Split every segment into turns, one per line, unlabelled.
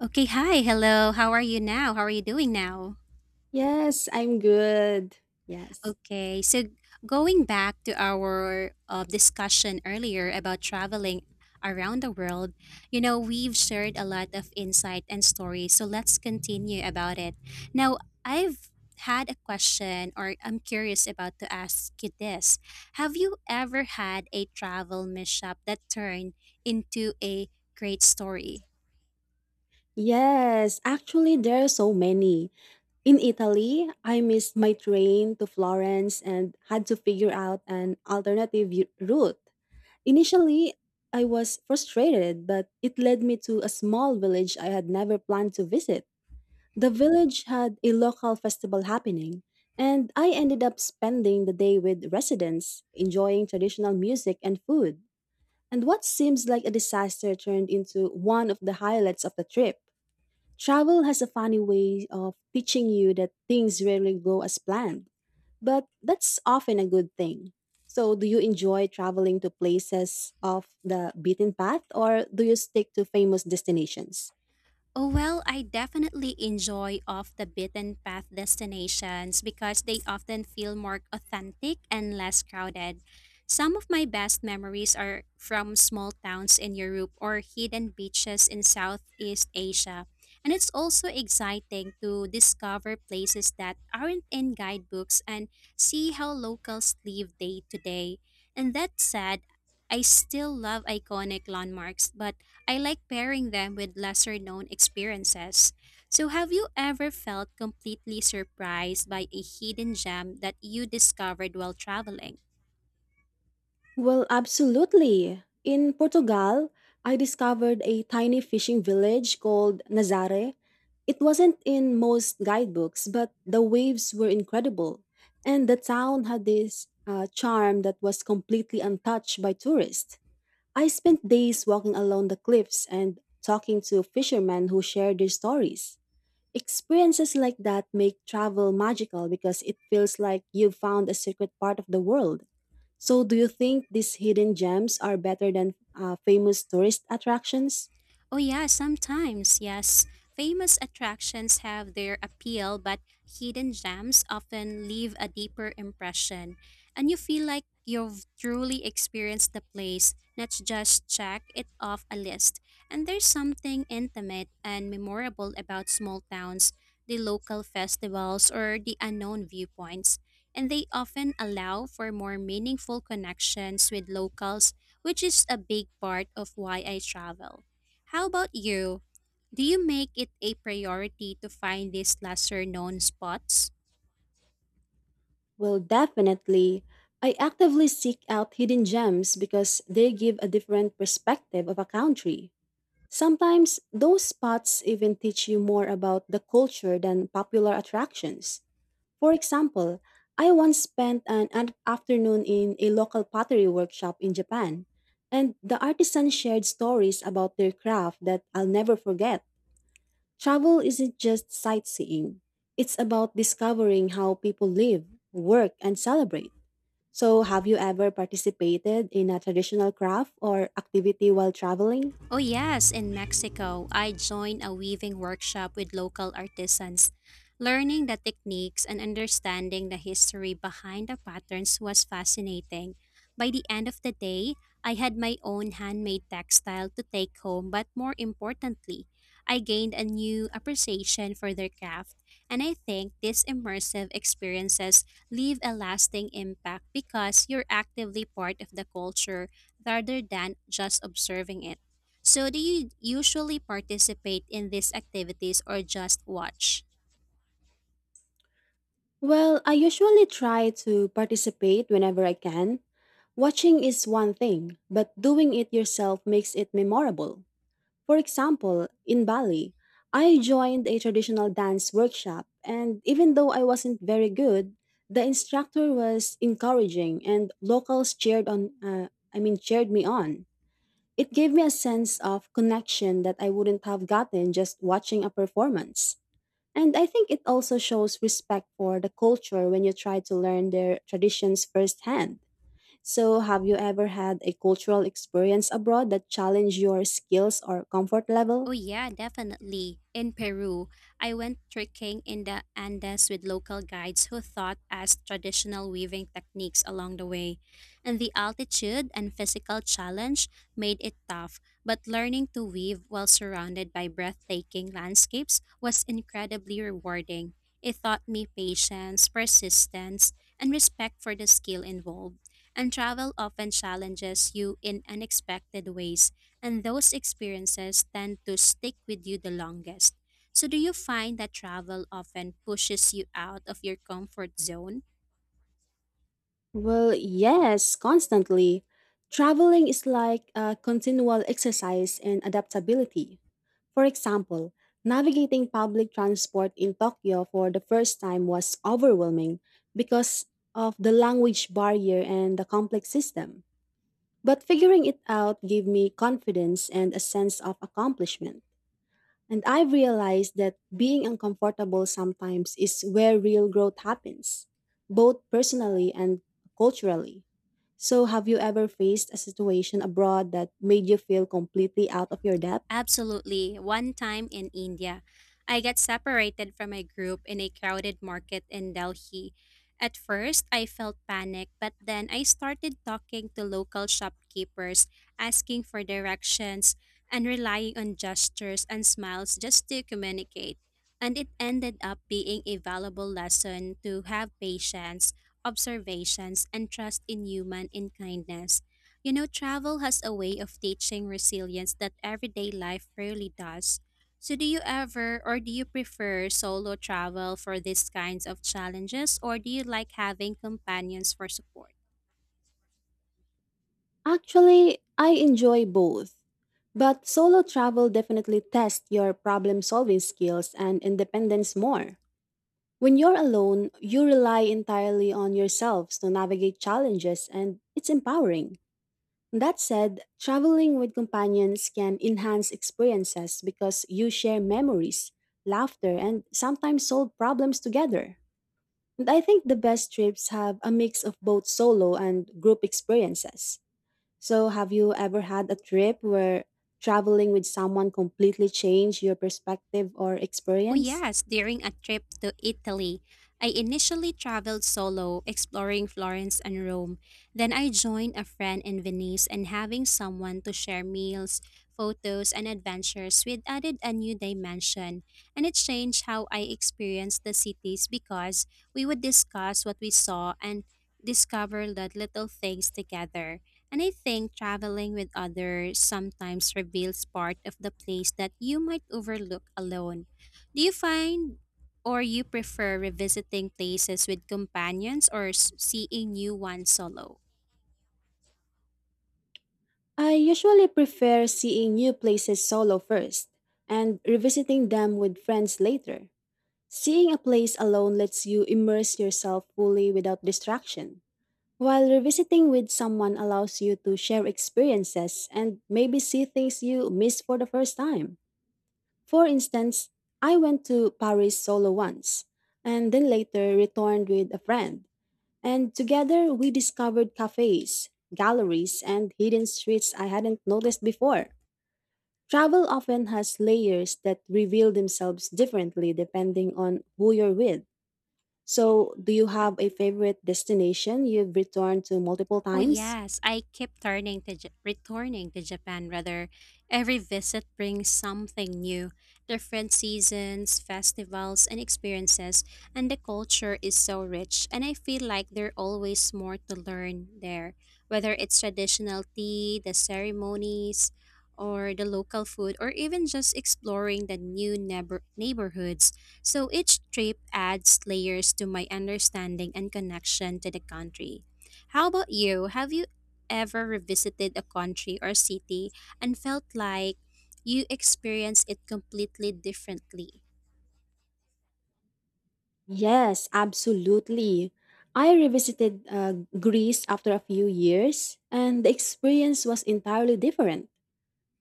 Okay, hi, hello. How are you now? How are you doing now?
Yes, I'm good. Yes.
Okay, so going back to our discussion earlier about traveling around the world, you know, we've shared a lot of insight and stories. So let's continue about it. Now, I've had a question or I'm curious about to ask you this. Have you ever had a travel mishap that turned into a great story?
Yes, actually, there are so many. In Italy, I missed my train to Florence and had to figure out an alternative route. Initially, I was frustrated, but it led me to a small village I had never planned to visit. The village had a local festival happening, and I ended up spending the day with residents, enjoying traditional music and food. And what seems like a disaster turned into one of the highlights of the trip. Travel has a funny way of teaching you that things rarely go as planned, but that's often a good thing. So, do you enjoy traveling to places off the beaten path or do you stick to famous destinations?
Oh, well, I definitely enjoy off the beaten path destinations because they often feel more authentic and less crowded. Some of my best memories are from small towns in Europe or hidden beaches in Southeast Asia. And it's also exciting to discover places that aren't in guidebooks and see how locals live day to day. And that said, I still love iconic landmarks, but I like pairing them with lesser known experiences. So, have you ever felt completely surprised by a hidden gem that you discovered while traveling?
Well, absolutely. In Portugal, I discovered a tiny fishing village called Nazare. It wasn't in most guidebooks, but the waves were incredible. And the town had this charm that was completely untouched by tourists. I spent days walking along the cliffs and talking to fishermen who shared their stories. Experiences like that make travel magical because it feels like you've found a secret part of the world. So, do you think these hidden gems are better than famous tourist attractions?
Oh, yeah, sometimes, yes. Famous attractions have their appeal, but hidden gems often leave a deeper impression. And you feel like you've truly experienced the place, not just check it off a list. And there's something intimate and memorable about small towns, the local festivals, or the unknown viewpoints. And they often allow for more meaningful connections with locals, which is a big part of why I travel. How about you? Do you make it a priority to find these lesser known spots?
Well, definitely. I actively seek out hidden gems because they give a different perspective of a country. Sometimes those spots even teach you more about the culture than popular attractions. For example, I once spent an afternoon in a local pottery workshop in Japan, and the artisans shared stories about their craft that I'll never forget. Travel isn't just sightseeing, it's about discovering how people live, work, and celebrate. So, have you ever participated in a traditional craft or activity while traveling?
Oh, yes, in Mexico, I joined a weaving workshop with local artisans. Learning the techniques and understanding the history behind the patterns was fascinating. By the end of the day, I had my own handmade textile to take home, but more importantly, I gained a new appreciation for their craft, and I think these immersive experiences leave a lasting impact because you're actively part of the culture rather than just observing it. So, do you usually participate in these activities or just watch?
Well, I usually try to participate whenever I can. Watching is one thing, but doing it yourself makes it memorable. For example, in Bali, I joined a traditional dance workshop, and even though I wasn't very good, the instructor was encouraging and locals cheered me on. It gave me a sense of connection that I wouldn't have gotten just watching a performance. And I think it also shows respect for the culture when you try to learn their traditions firsthand. So, have you ever had a cultural experience abroad that challenged your skills or comfort level?
Oh yeah, definitely. In Peru, I went trekking in the Andes with local guides who taught us traditional weaving techniques along the way. And the altitude and physical challenge made it tough, but learning to weave while surrounded by breathtaking landscapes was incredibly rewarding. It taught me patience, persistence, and respect for the skill involved. And travel often challenges you in unexpected ways and those experiences tend to stick with you the longest. So, do you find that travel often pushes you out of your comfort zone?
Well, yes, constantly. Traveling is like a continual exercise in adaptability. For example, navigating public transport in Tokyo for the first time was overwhelming because of the language barrier and the complex system. But figuring it out gave me confidence and a sense of accomplishment. And I've realized that being uncomfortable sometimes is where real growth happens, both personally and culturally. So, have you ever faced a situation abroad that made you feel completely out of your depth?
Absolutely. One time in India, I got separated from my group in a crowded market in Delhi. At first, I felt panic, but then I started talking to local shopkeepers, asking for directions, and relying on gestures and smiles just to communicate. And it ended up being a valuable lesson to have patience, observations, and trust in human in kindness. You know, travel has a way of teaching resilience that everyday life rarely does. So, do you ever or do you prefer solo travel for these kinds of challenges, or do you like having companions for support?
Actually, I enjoy both. But solo travel definitely tests your problem solving skills and independence more. When you're alone, you rely entirely on yourselves to navigate challenges, and it's empowering. That said, traveling with companions can enhance experiences because you share memories, laughter, and sometimes solve problems together. And I think the best trips have a mix of both solo and group experiences. So, have you ever had a trip where traveling with someone completely changed your perspective or
Oh,
experience?
yes, during a trip to Italy. I initially traveled solo, exploring Florence and Rome. Then I joined a friend in Venice, and having someone to share meals, photos, and adventures with added a new dimension. And it changed how I experienced the cities because we would discuss what we saw and discover the little things together. And I think traveling with others sometimes reveals part of the place that you might overlook alone. Do you find or you prefer revisiting places with companions or seeing new ones solo?
I usually prefer seeing new places solo first and revisiting them with friends later. Seeing a place alone lets you immerse yourself fully without distraction, while revisiting with someone allows you to share experiences and maybe see things you missed for the first time. For instance, I went to Paris solo once and then later returned with a friend. And together we discovered cafes, galleries, and hidden streets I hadn't noticed before. Travel often has layers that reveal themselves differently depending on who you're with. So, do you have a favorite destination you've returned to multiple
Oh
times?
yes, I keep turning to returning to Japan rather. Every visit brings something new, different seasons, festivals, and experiences, and the culture is so rich and I feel like there's always more to learn there, whether it's traditional tea, the ceremonies, or the local food or even just exploring the new neighborhoods. So each trip adds layers to my understanding and connection to the country. How about you? Have you ever revisited a country or city and felt like you experienced it completely differently?
Yes, absolutely. I revisited Greece after a few years, and the experience was entirely different.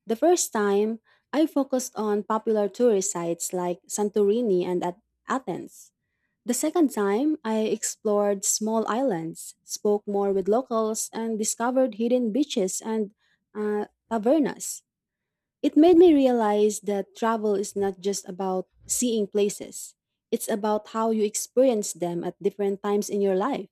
The first time, I focused on popular tourist sites like Santorini and at Athens. The second time, I explored small islands, spoke more with locals, and discovered hidden beaches and uh, tavernas. It made me realize that travel is not just about seeing places, it's about how you experience them at different times in your life.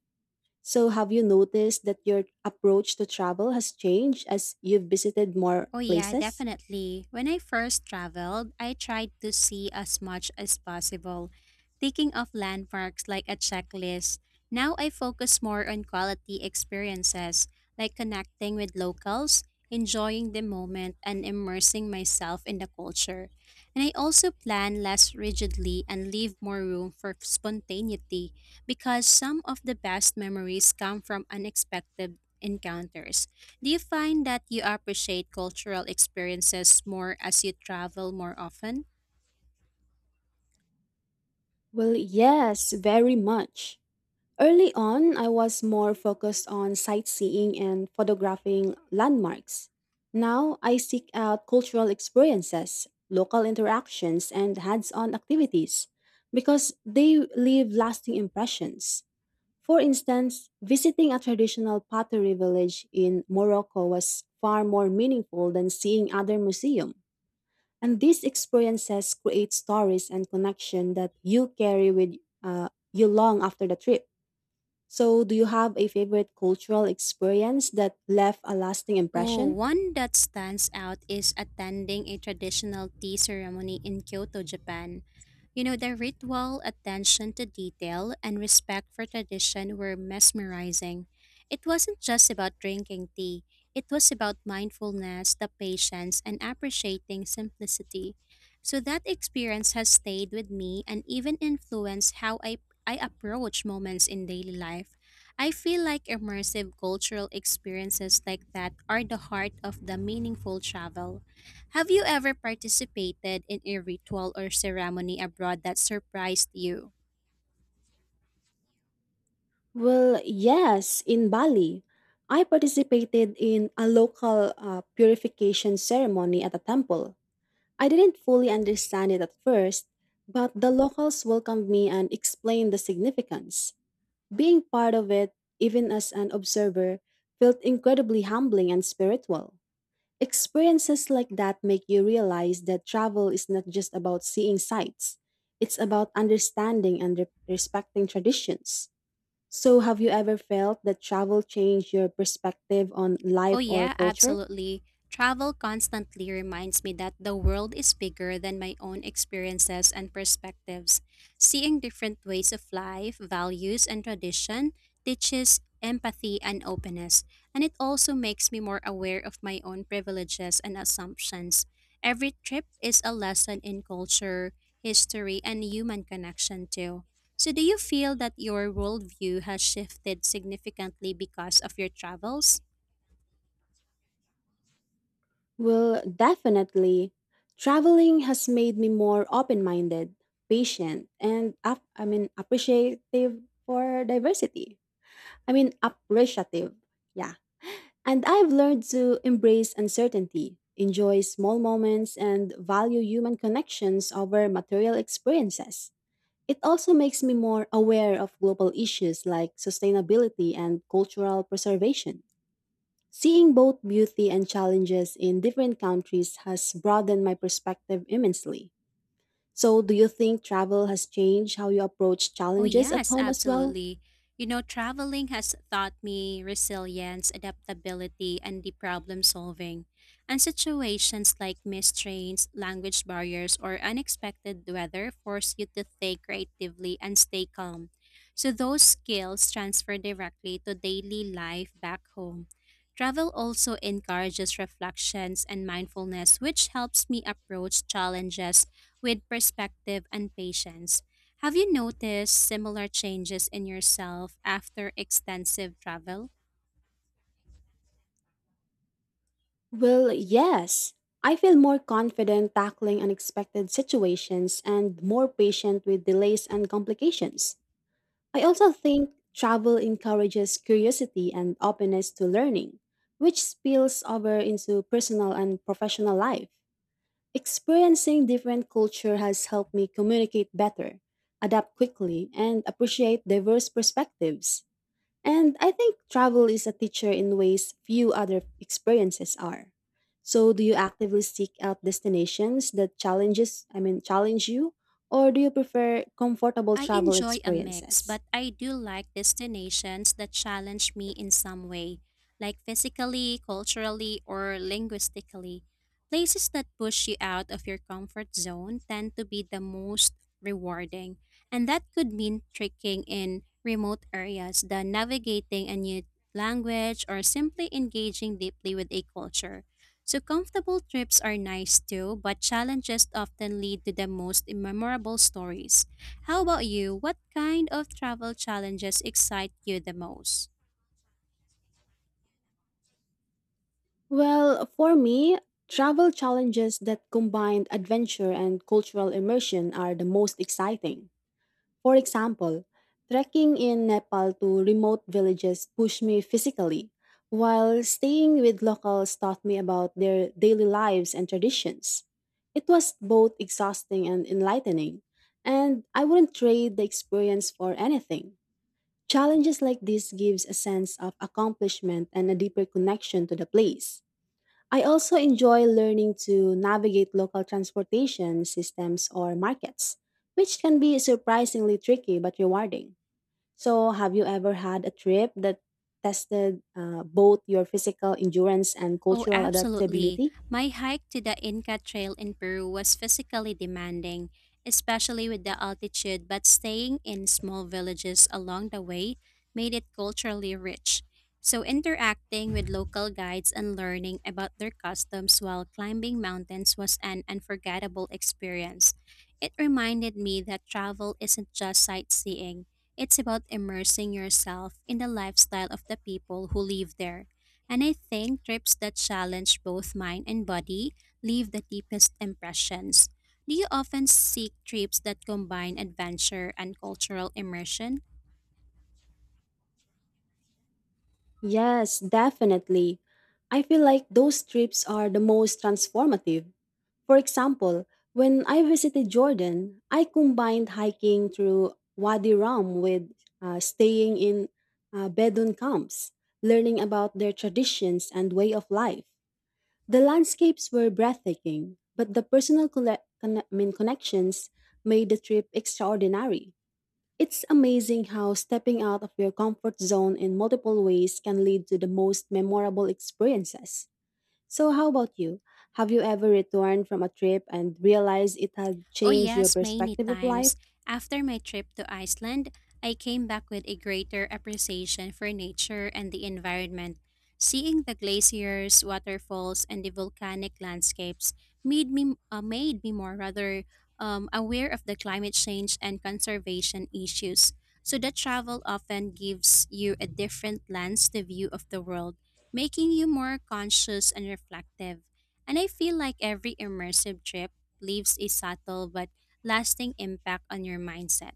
So, have you noticed that your approach to travel has changed as you've visited more
Oh, yeah,
places?
definitely. When I first traveled, I tried to see as much as possible, taking off landmarks like a checklist. Now I focus more on quality experiences, like connecting with locals, enjoying the moment, and immersing myself in the culture. And I also plan less rigidly and leave more room for spontaneity because some of the best memories come from unexpected encounters. Do you find that you appreciate cultural experiences more as you travel more often?
Well, yes, very much. Early on, I was more focused on sightseeing and photographing landmarks. Now, I seek out cultural experiences, local interactions, and hands on activities because they leave lasting impressions. For instance, visiting a traditional pottery village in Morocco was far more meaningful than seeing other museum. And these experiences create stories and connection that you carry with you long after the trip. So, do you have a favorite cultural experience that left a lasting
Oh,
impression?
one that stands out is attending a traditional tea ceremony in Kyoto, Japan. You know, the ritual, attention to detail, and respect for tradition were mesmerizing. It wasn't just about drinking tea, it was about mindfulness, the patience, and appreciating simplicity. So that experience has stayed with me and even influenced how I approach moments in daily life. I feel like immersive cultural experiences like that are the heart of the meaningful travel. Have you ever participated in a ritual or ceremony abroad that surprised you?
Well, yes, in Bali, I participated in a local purification ceremony at a temple. I didn't fully understand it at first, but the locals welcomed me and explained the significance. Being part of it, even as an observer, felt incredibly humbling and spiritual. Experiences like that make you realize that travel is not just about seeing sights, it's about understanding and respecting traditions. So, have you ever felt that travel changed your perspective on
Oh,
life or
yeah,
culture?
absolutely. Travel constantly reminds me that the world is bigger than my own experiences and perspectives. Seeing different ways of life, values, and tradition teaches empathy and openness, and it also makes me more aware of my own privileges and assumptions. Every trip is a lesson in culture, history, and human connection, too. So, do you feel that your worldview has shifted significantly because of your travels?
Well, definitely. Traveling has made me more open minded, patient, and appreciative for diversity. I mean, appreciative. Yeah. And I've learned to embrace uncertainty, enjoy small moments, and value human connections over material experiences. It also makes me more aware of global issues like sustainability and cultural preservation. Seeing both beauty and challenges in different countries has broadened my perspective immensely. So, do you think travel has changed how you approach
Oh,
challenges at
yes,
home as well?
absolutely. You know, traveling has taught me resilience, adaptability, and the problem solving. And situations like mistrains, language barriers, or unexpected weather force you to think creatively and stay calm. So, those skills transfer directly to daily life back home. Travel also encourages reflections and mindfulness, which helps me approach challenges with perspective and patience. Have you noticed similar changes in yourself after extensive travel?
Well, yes. I feel more confident tackling unexpected situations and more patient with delays and complications. I also think travel encourages curiosity and openness to learning, which spills over into personal and professional life. Experiencing different culture has helped me communicate better, adapt quickly, and appreciate diverse perspectives. And I think travel is a teacher in ways few other experiences are. So do you actively seek out destinations that challenges, I mean challenge you or do you prefer comfortable
I
travel
enjoy a mix,
experiences?
but I do like destinations that challenge me in some way, like physically, culturally, or linguistically. Places that push you out of your comfort zone tend to be the most rewarding, and that could mean trekking in remote areas, the navigating a new language, or simply engaging deeply with a culture. So comfortable trips are nice too, but challenges often lead to the most memorable stories. How about you? What kind of travel challenges excite you the most?
Well, for me, travel challenges that combine adventure and cultural immersion are the most exciting. For example, trekking in Nepal to remote villages pushed me physically, while staying with locals taught me about their daily lives and traditions. It was both exhausting and enlightening, and I wouldn't trade the experience for anything. Challenges like this gives a sense of accomplishment and a deeper connection to the place. I also enjoy learning to navigate local transportation systems or markets, which can be surprisingly tricky but rewarding. So, have you ever had a trip that tested both your physical endurance and
Oh,
cultural
absolutely.
adaptability?
My hike to the Inca Trail in Peru was physically demanding, especially with the altitude, but staying in small villages along the way made it culturally rich. So, interacting with local guides and learning about their customs while climbing mountains was an unforgettable experience. It reminded me that travel isn't just sightseeing, it's about immersing yourself in the lifestyle of the people who live there. And I think trips that challenge both mind and body leave the deepest impressions. Do you often seek trips that combine adventure and cultural immersion?
Yes, definitely. I feel like those trips are the most transformative. For example, when I visited Jordan, I combined hiking through Wadi Rum with staying in Bedouin camps, learning about their traditions and way of life. The landscapes were breathtaking, but the personal connections made the trip extraordinary. It's amazing how stepping out of your comfort zone in multiple ways can lead to the most memorable experiences. So, how about you? Have you ever returned from a trip and realized it had
Oh,
changed your
yes, many
perspective of life?
times. After my trip to Iceland, I came back with a greater appreciation for nature and the environment. Seeing the glaciers, waterfalls, and the volcanic landscapes made me more rather aware of the climate change and conservation issues. So that travel often gives you a different lens to view of the world, making you more conscious and reflective. And I feel like every immersive trip leaves a subtle but lasting impact on your mindset.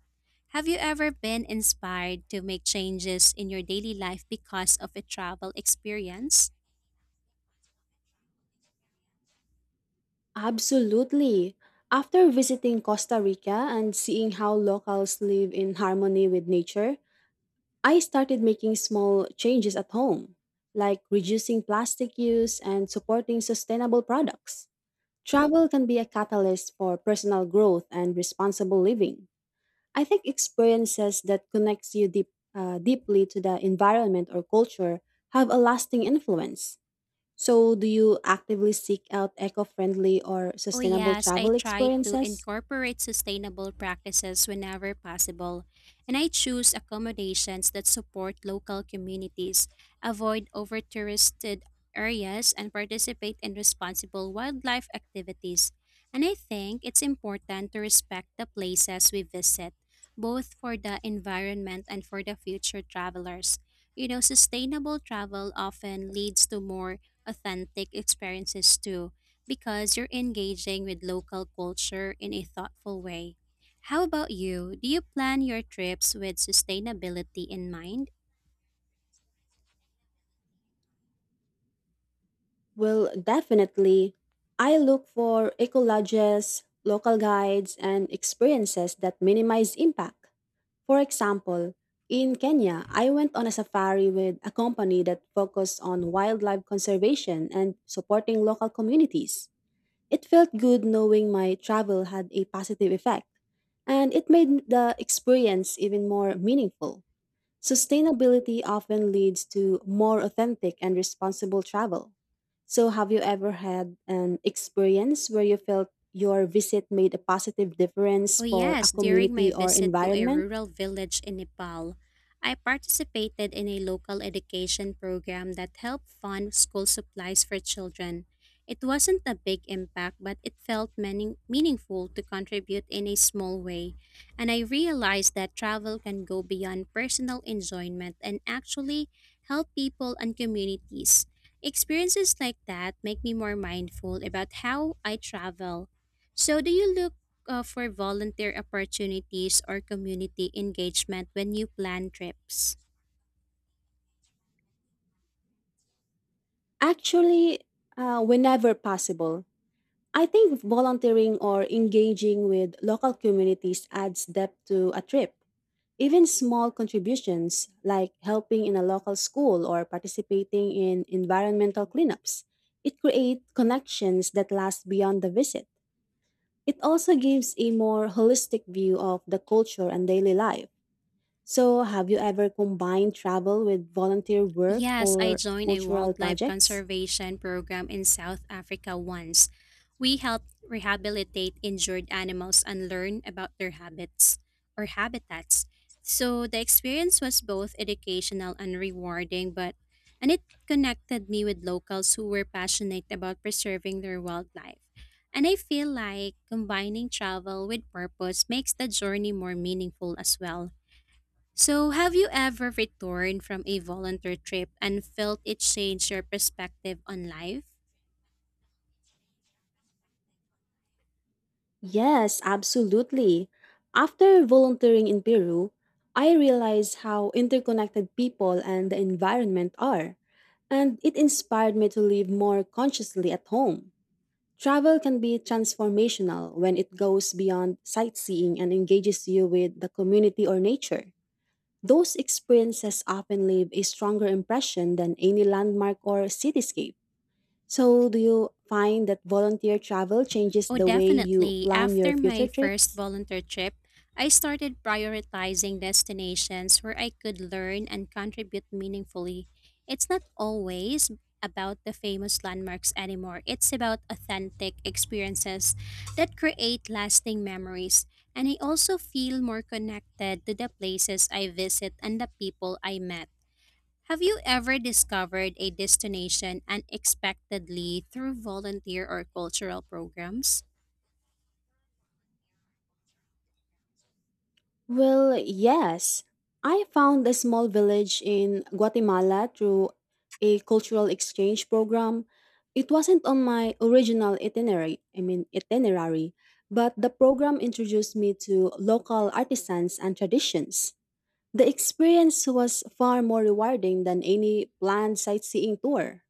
Have you ever been inspired to make changes in your daily life because of a travel experience?
Absolutely. After visiting Costa Rica and seeing how locals live in harmony with nature, I started making small changes at home, like reducing plastic use and supporting sustainable products. Travel can be a catalyst for personal growth and responsible living. I think experiences that connects you deeply to the environment or culture have a lasting influence. So, do you actively seek out eco-friendly or
Oh,
sustainable
yes, I
travel
try to
experiences?
incorporate sustainable practices whenever possible, and I choose accommodations that support local communities, avoid over touristed areas, and participate in responsible wildlife activities. And I think it's important to respect the places we visit, both for the environment and for the future travelers. You know, sustainable travel often leads to more authentic experiences too because you're engaging with local culture in a thoughtful way. How about you? Do you plan your trips with sustainability in mind?
Well, definitely. I look for eco lodges, local guides, and experiences that minimize impact. For example, in Kenya, I went on a safari with a company that focused on wildlife conservation and supporting local communities. It felt good knowing my travel had a positive effect, and it made the experience even more meaningful. Sustainability often leads to more authentic and responsible travel. So, have you ever had an experience where you felt your visit made a positive difference
Oh,
for a
yes, during my
community or
visit to a
environment?
rural village in Nepal, I participated in a local education program that helped fund school supplies for children. It wasn't a big impact, but it felt meaningful to contribute in a small way. And I realized that travel can go beyond personal enjoyment and actually help people and communities. Experiences like that make me more mindful about how I travel. So, do you look for volunteer opportunities or community engagement when you plan trips?
Actually, whenever possible. I think volunteering or engaging with local communities adds depth to a trip. Even small contributions, like helping in a local school or participating in environmental cleanups, it creates connections that last beyond the visit. It also gives a more holistic view of the culture and daily life. So, have you ever combined travel with volunteer work
Yes, I
or
joined a
cultural
wildlife
projects?
conservation program in South Africa once. We helped rehabilitate injured animals and learn about their habits or habitats. So the experience was both educational and rewarding, but and it connected me with locals who were passionate about preserving their wildlife. And I feel like combining travel with purpose makes the journey more meaningful as well. So, have you ever returned from a volunteer trip and felt it change your perspective on life?
Yes, absolutely. After volunteering in Peru, I realized how interconnected people and the environment are, and it inspired me to live more consciously at home. Travel can be transformational when it goes beyond sightseeing and engages you with the community or nature. Those experiences often leave a stronger impression than any landmark or cityscape. So, do you find that volunteer travel changes
Oh,
the way you
definitely.
plan your
After
future
my first
trips?
volunteer trip, I started prioritizing destinations where I could learn and contribute meaningfully. It's not always about the famous landmarks anymore, it's about authentic experiences that create lasting memories. And I also feel more connected to the places I visit and the people I met. Have you ever discovered a destination unexpectedly through volunteer or cultural programs?
Well, yes. I found a small village in Guatemala through a cultural exchange program. It wasn't on my original itinerary, I mean itinerary, but the program introduced me to local artisans and traditions. The experience was far more rewarding than any planned sightseeing tour.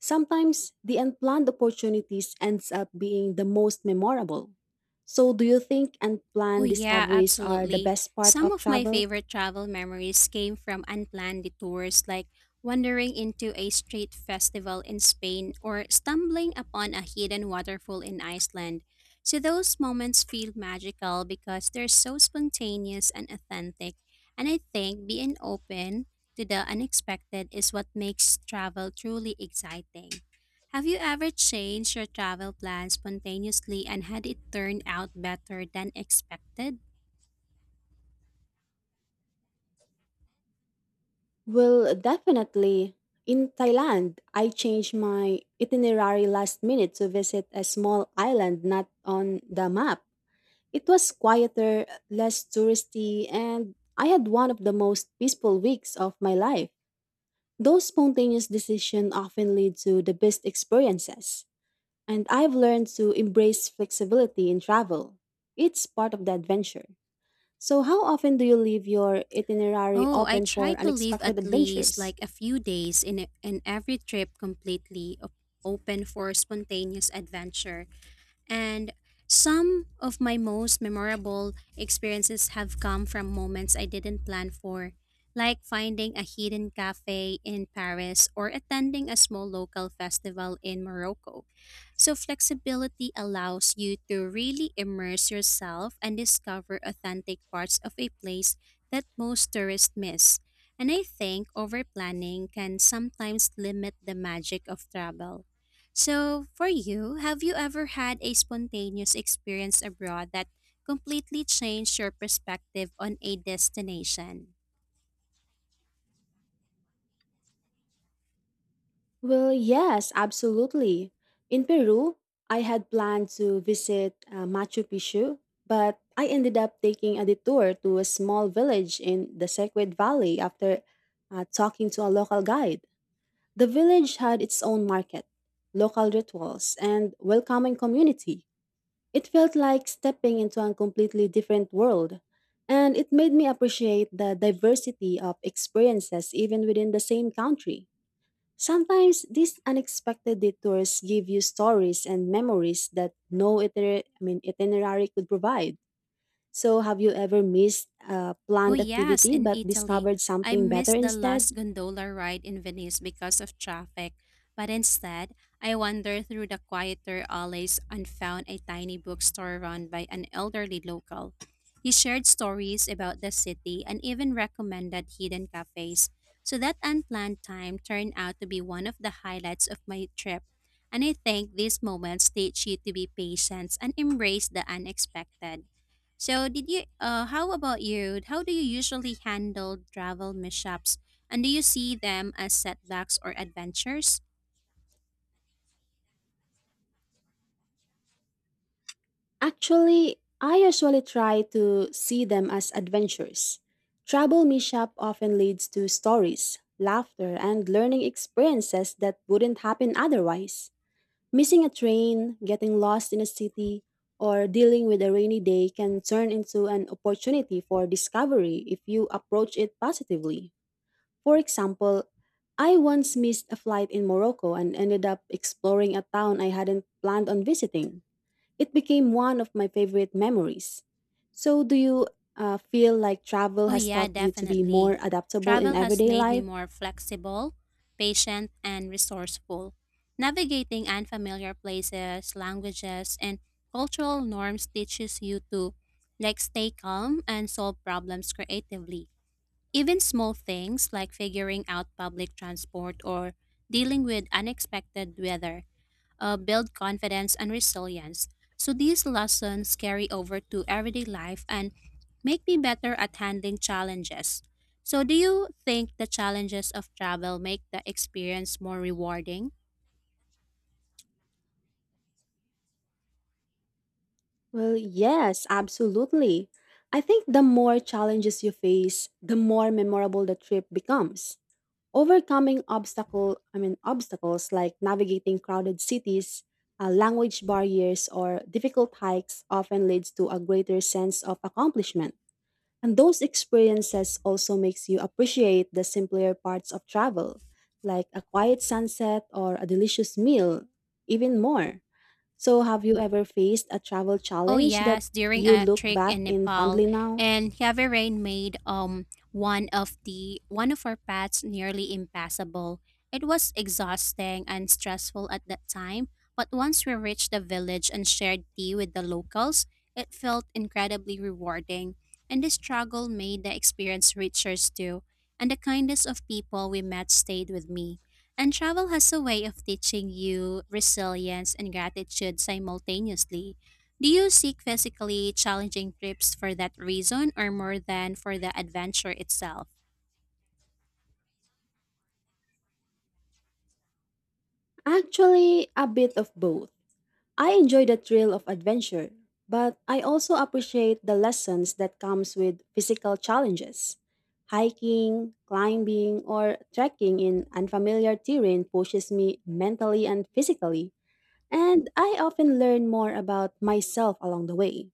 Sometimes the unplanned opportunities ends up being the most memorable. So, do you think
Oh,
unplanned
yeah,
discoveries are the
absolutely.
best part
Some
of
of my
travel?
favorite travel memories came from unplanned detours, like wandering into a street festival in Spain or stumbling upon a hidden waterfall in Iceland. So those moments feel magical because they're so spontaneous and authentic. And I think being open to the unexpected is what makes travel truly exciting. Have you ever changed your travel plan spontaneously and had it turn out better than expected?
Well, definitely. In Thailand, I changed my itinerary last minute to visit a small island not on the map. It was quieter, less touristy, and I had one of the most peaceful weeks of my life. Those spontaneous decisions often lead to the best experiences. And I've learned to embrace flexibility in travel. It's part of the adventure. So, how often do you leave your itinerary
Oh, I
open
try
for
to leave
unexpected
at least
adventures?
like a few days in every trip completely open for spontaneous adventure. And some of my most memorable experiences have come from moments I didn't plan for, like finding a hidden cafe in Paris or attending a small local festival in Morocco. So flexibility allows you to really immerse yourself and discover authentic parts of a place that most tourists miss. And I think over planning can sometimes limit the magic of travel. So, for you, have you ever had a spontaneous experience abroad that completely changed your perspective on a destination?
Well, yes, absolutely. In Peru, I had planned to visit Machu Picchu, but I ended up taking a detour to a small village in the Sacred Valley after talking to a local guide. The village had its own market, local rituals, and welcoming community. It felt like stepping into a completely different world, and it made me appreciate the diversity of experiences even within the same country. Sometimes these unexpected detours give you stories and memories that no itinerary could provide. So, have you ever missed a
Oh,
planned
yes,
activity
in
but
Italy.
discovered
I
something better
missed the
instead?
last gondola ride in Venice because of traffic, but instead, I wandered through the quieter alleys and found a tiny bookstore run by an elderly local. He shared stories about the city and even recommended hidden cafes. So that unplanned time turned out to be one of the highlights of my trip. And I think these moments teach you to be patient and embrace the unexpected. So, did you? How about you? How do you usually handle travel mishaps, and do you see them as setbacks or adventures?
Actually, I usually try to see them as adventures. Travel mishap often leads to stories, laughter, and learning experiences that wouldn't happen otherwise. Missing a train, getting lost in a city, or dealing with a rainy day can turn into an opportunity for discovery if you approach it positively. For example, I once missed a flight in Morocco and ended up exploring a town I hadn't planned on visiting. It became one of my favorite memories. So, do you feel like travel
Oh
has
yeah,
taught you to be
definitely.
more adaptable in
Travel has
everyday
made me
life?
more flexible, patient, and resourceful. Navigating unfamiliar places, languages, and cultural norms teaches you to like stay calm and solve problems creatively. Even small things like figuring out public transport or dealing with unexpected weather build confidence and resilience. So these lessons carry over to everyday life and make me better at handling challenges. So, do you think the challenges of travel make the experience more rewarding?
Well, yes, absolutely. I think the more challenges you face, the more memorable the trip becomes. Overcoming obstacles like navigating crowded cities, language barriers, or difficult hikes often leads to a greater sense of accomplishment. And those experiences also makes you appreciate the simpler parts of travel, like a quiet sunset or a delicious meal, even more. So, have you ever faced a travel
Oh
challenge that
yes, during
you
a
look
trek
back
in
in
Nepal,
fondly now?
and heavy rain made one of our paths nearly impassable. It was exhausting and stressful at that time, but once we reached the village and shared tea with the locals, it felt incredibly rewarding. And this struggle made the experience richer too, and the kindness of people we met stayed with me. And travel has a way of teaching you resilience and gratitude simultaneously. Do you seek physically challenging trips for that reason or more than for the adventure itself?
Actually, a bit of both. I enjoy the thrill of adventure, but I also appreciate the lessons that comes with physical challenges. Hiking, climbing, or trekking in unfamiliar terrain pushes me mentally and physically, and I often learn more about myself along the way.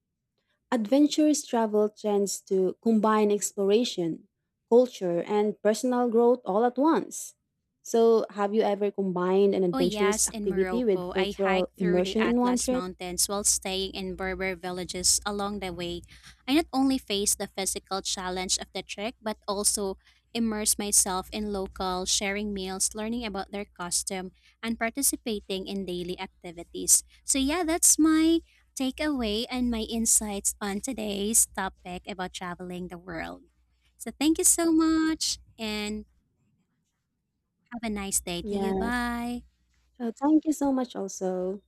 Adventurous travel tends to combine exploration, culture, and personal growth all at once. So, have you ever combined an
Oh
adventurous
yes, in
activity with
Morocco, I
cultural
hiked through the
immersion in one
Atlas
trip?
Mountains while staying in Berber villages along the way. I not only faced the physical challenge of the trek, but also immersed myself in local, sharing meals, learning about their custom, and participating in daily activities. So yeah, that's my takeaway and my insights on today's topic about traveling the world. So thank you so much and have a nice day to you.
Yes.
Bye.
So thank you so much also.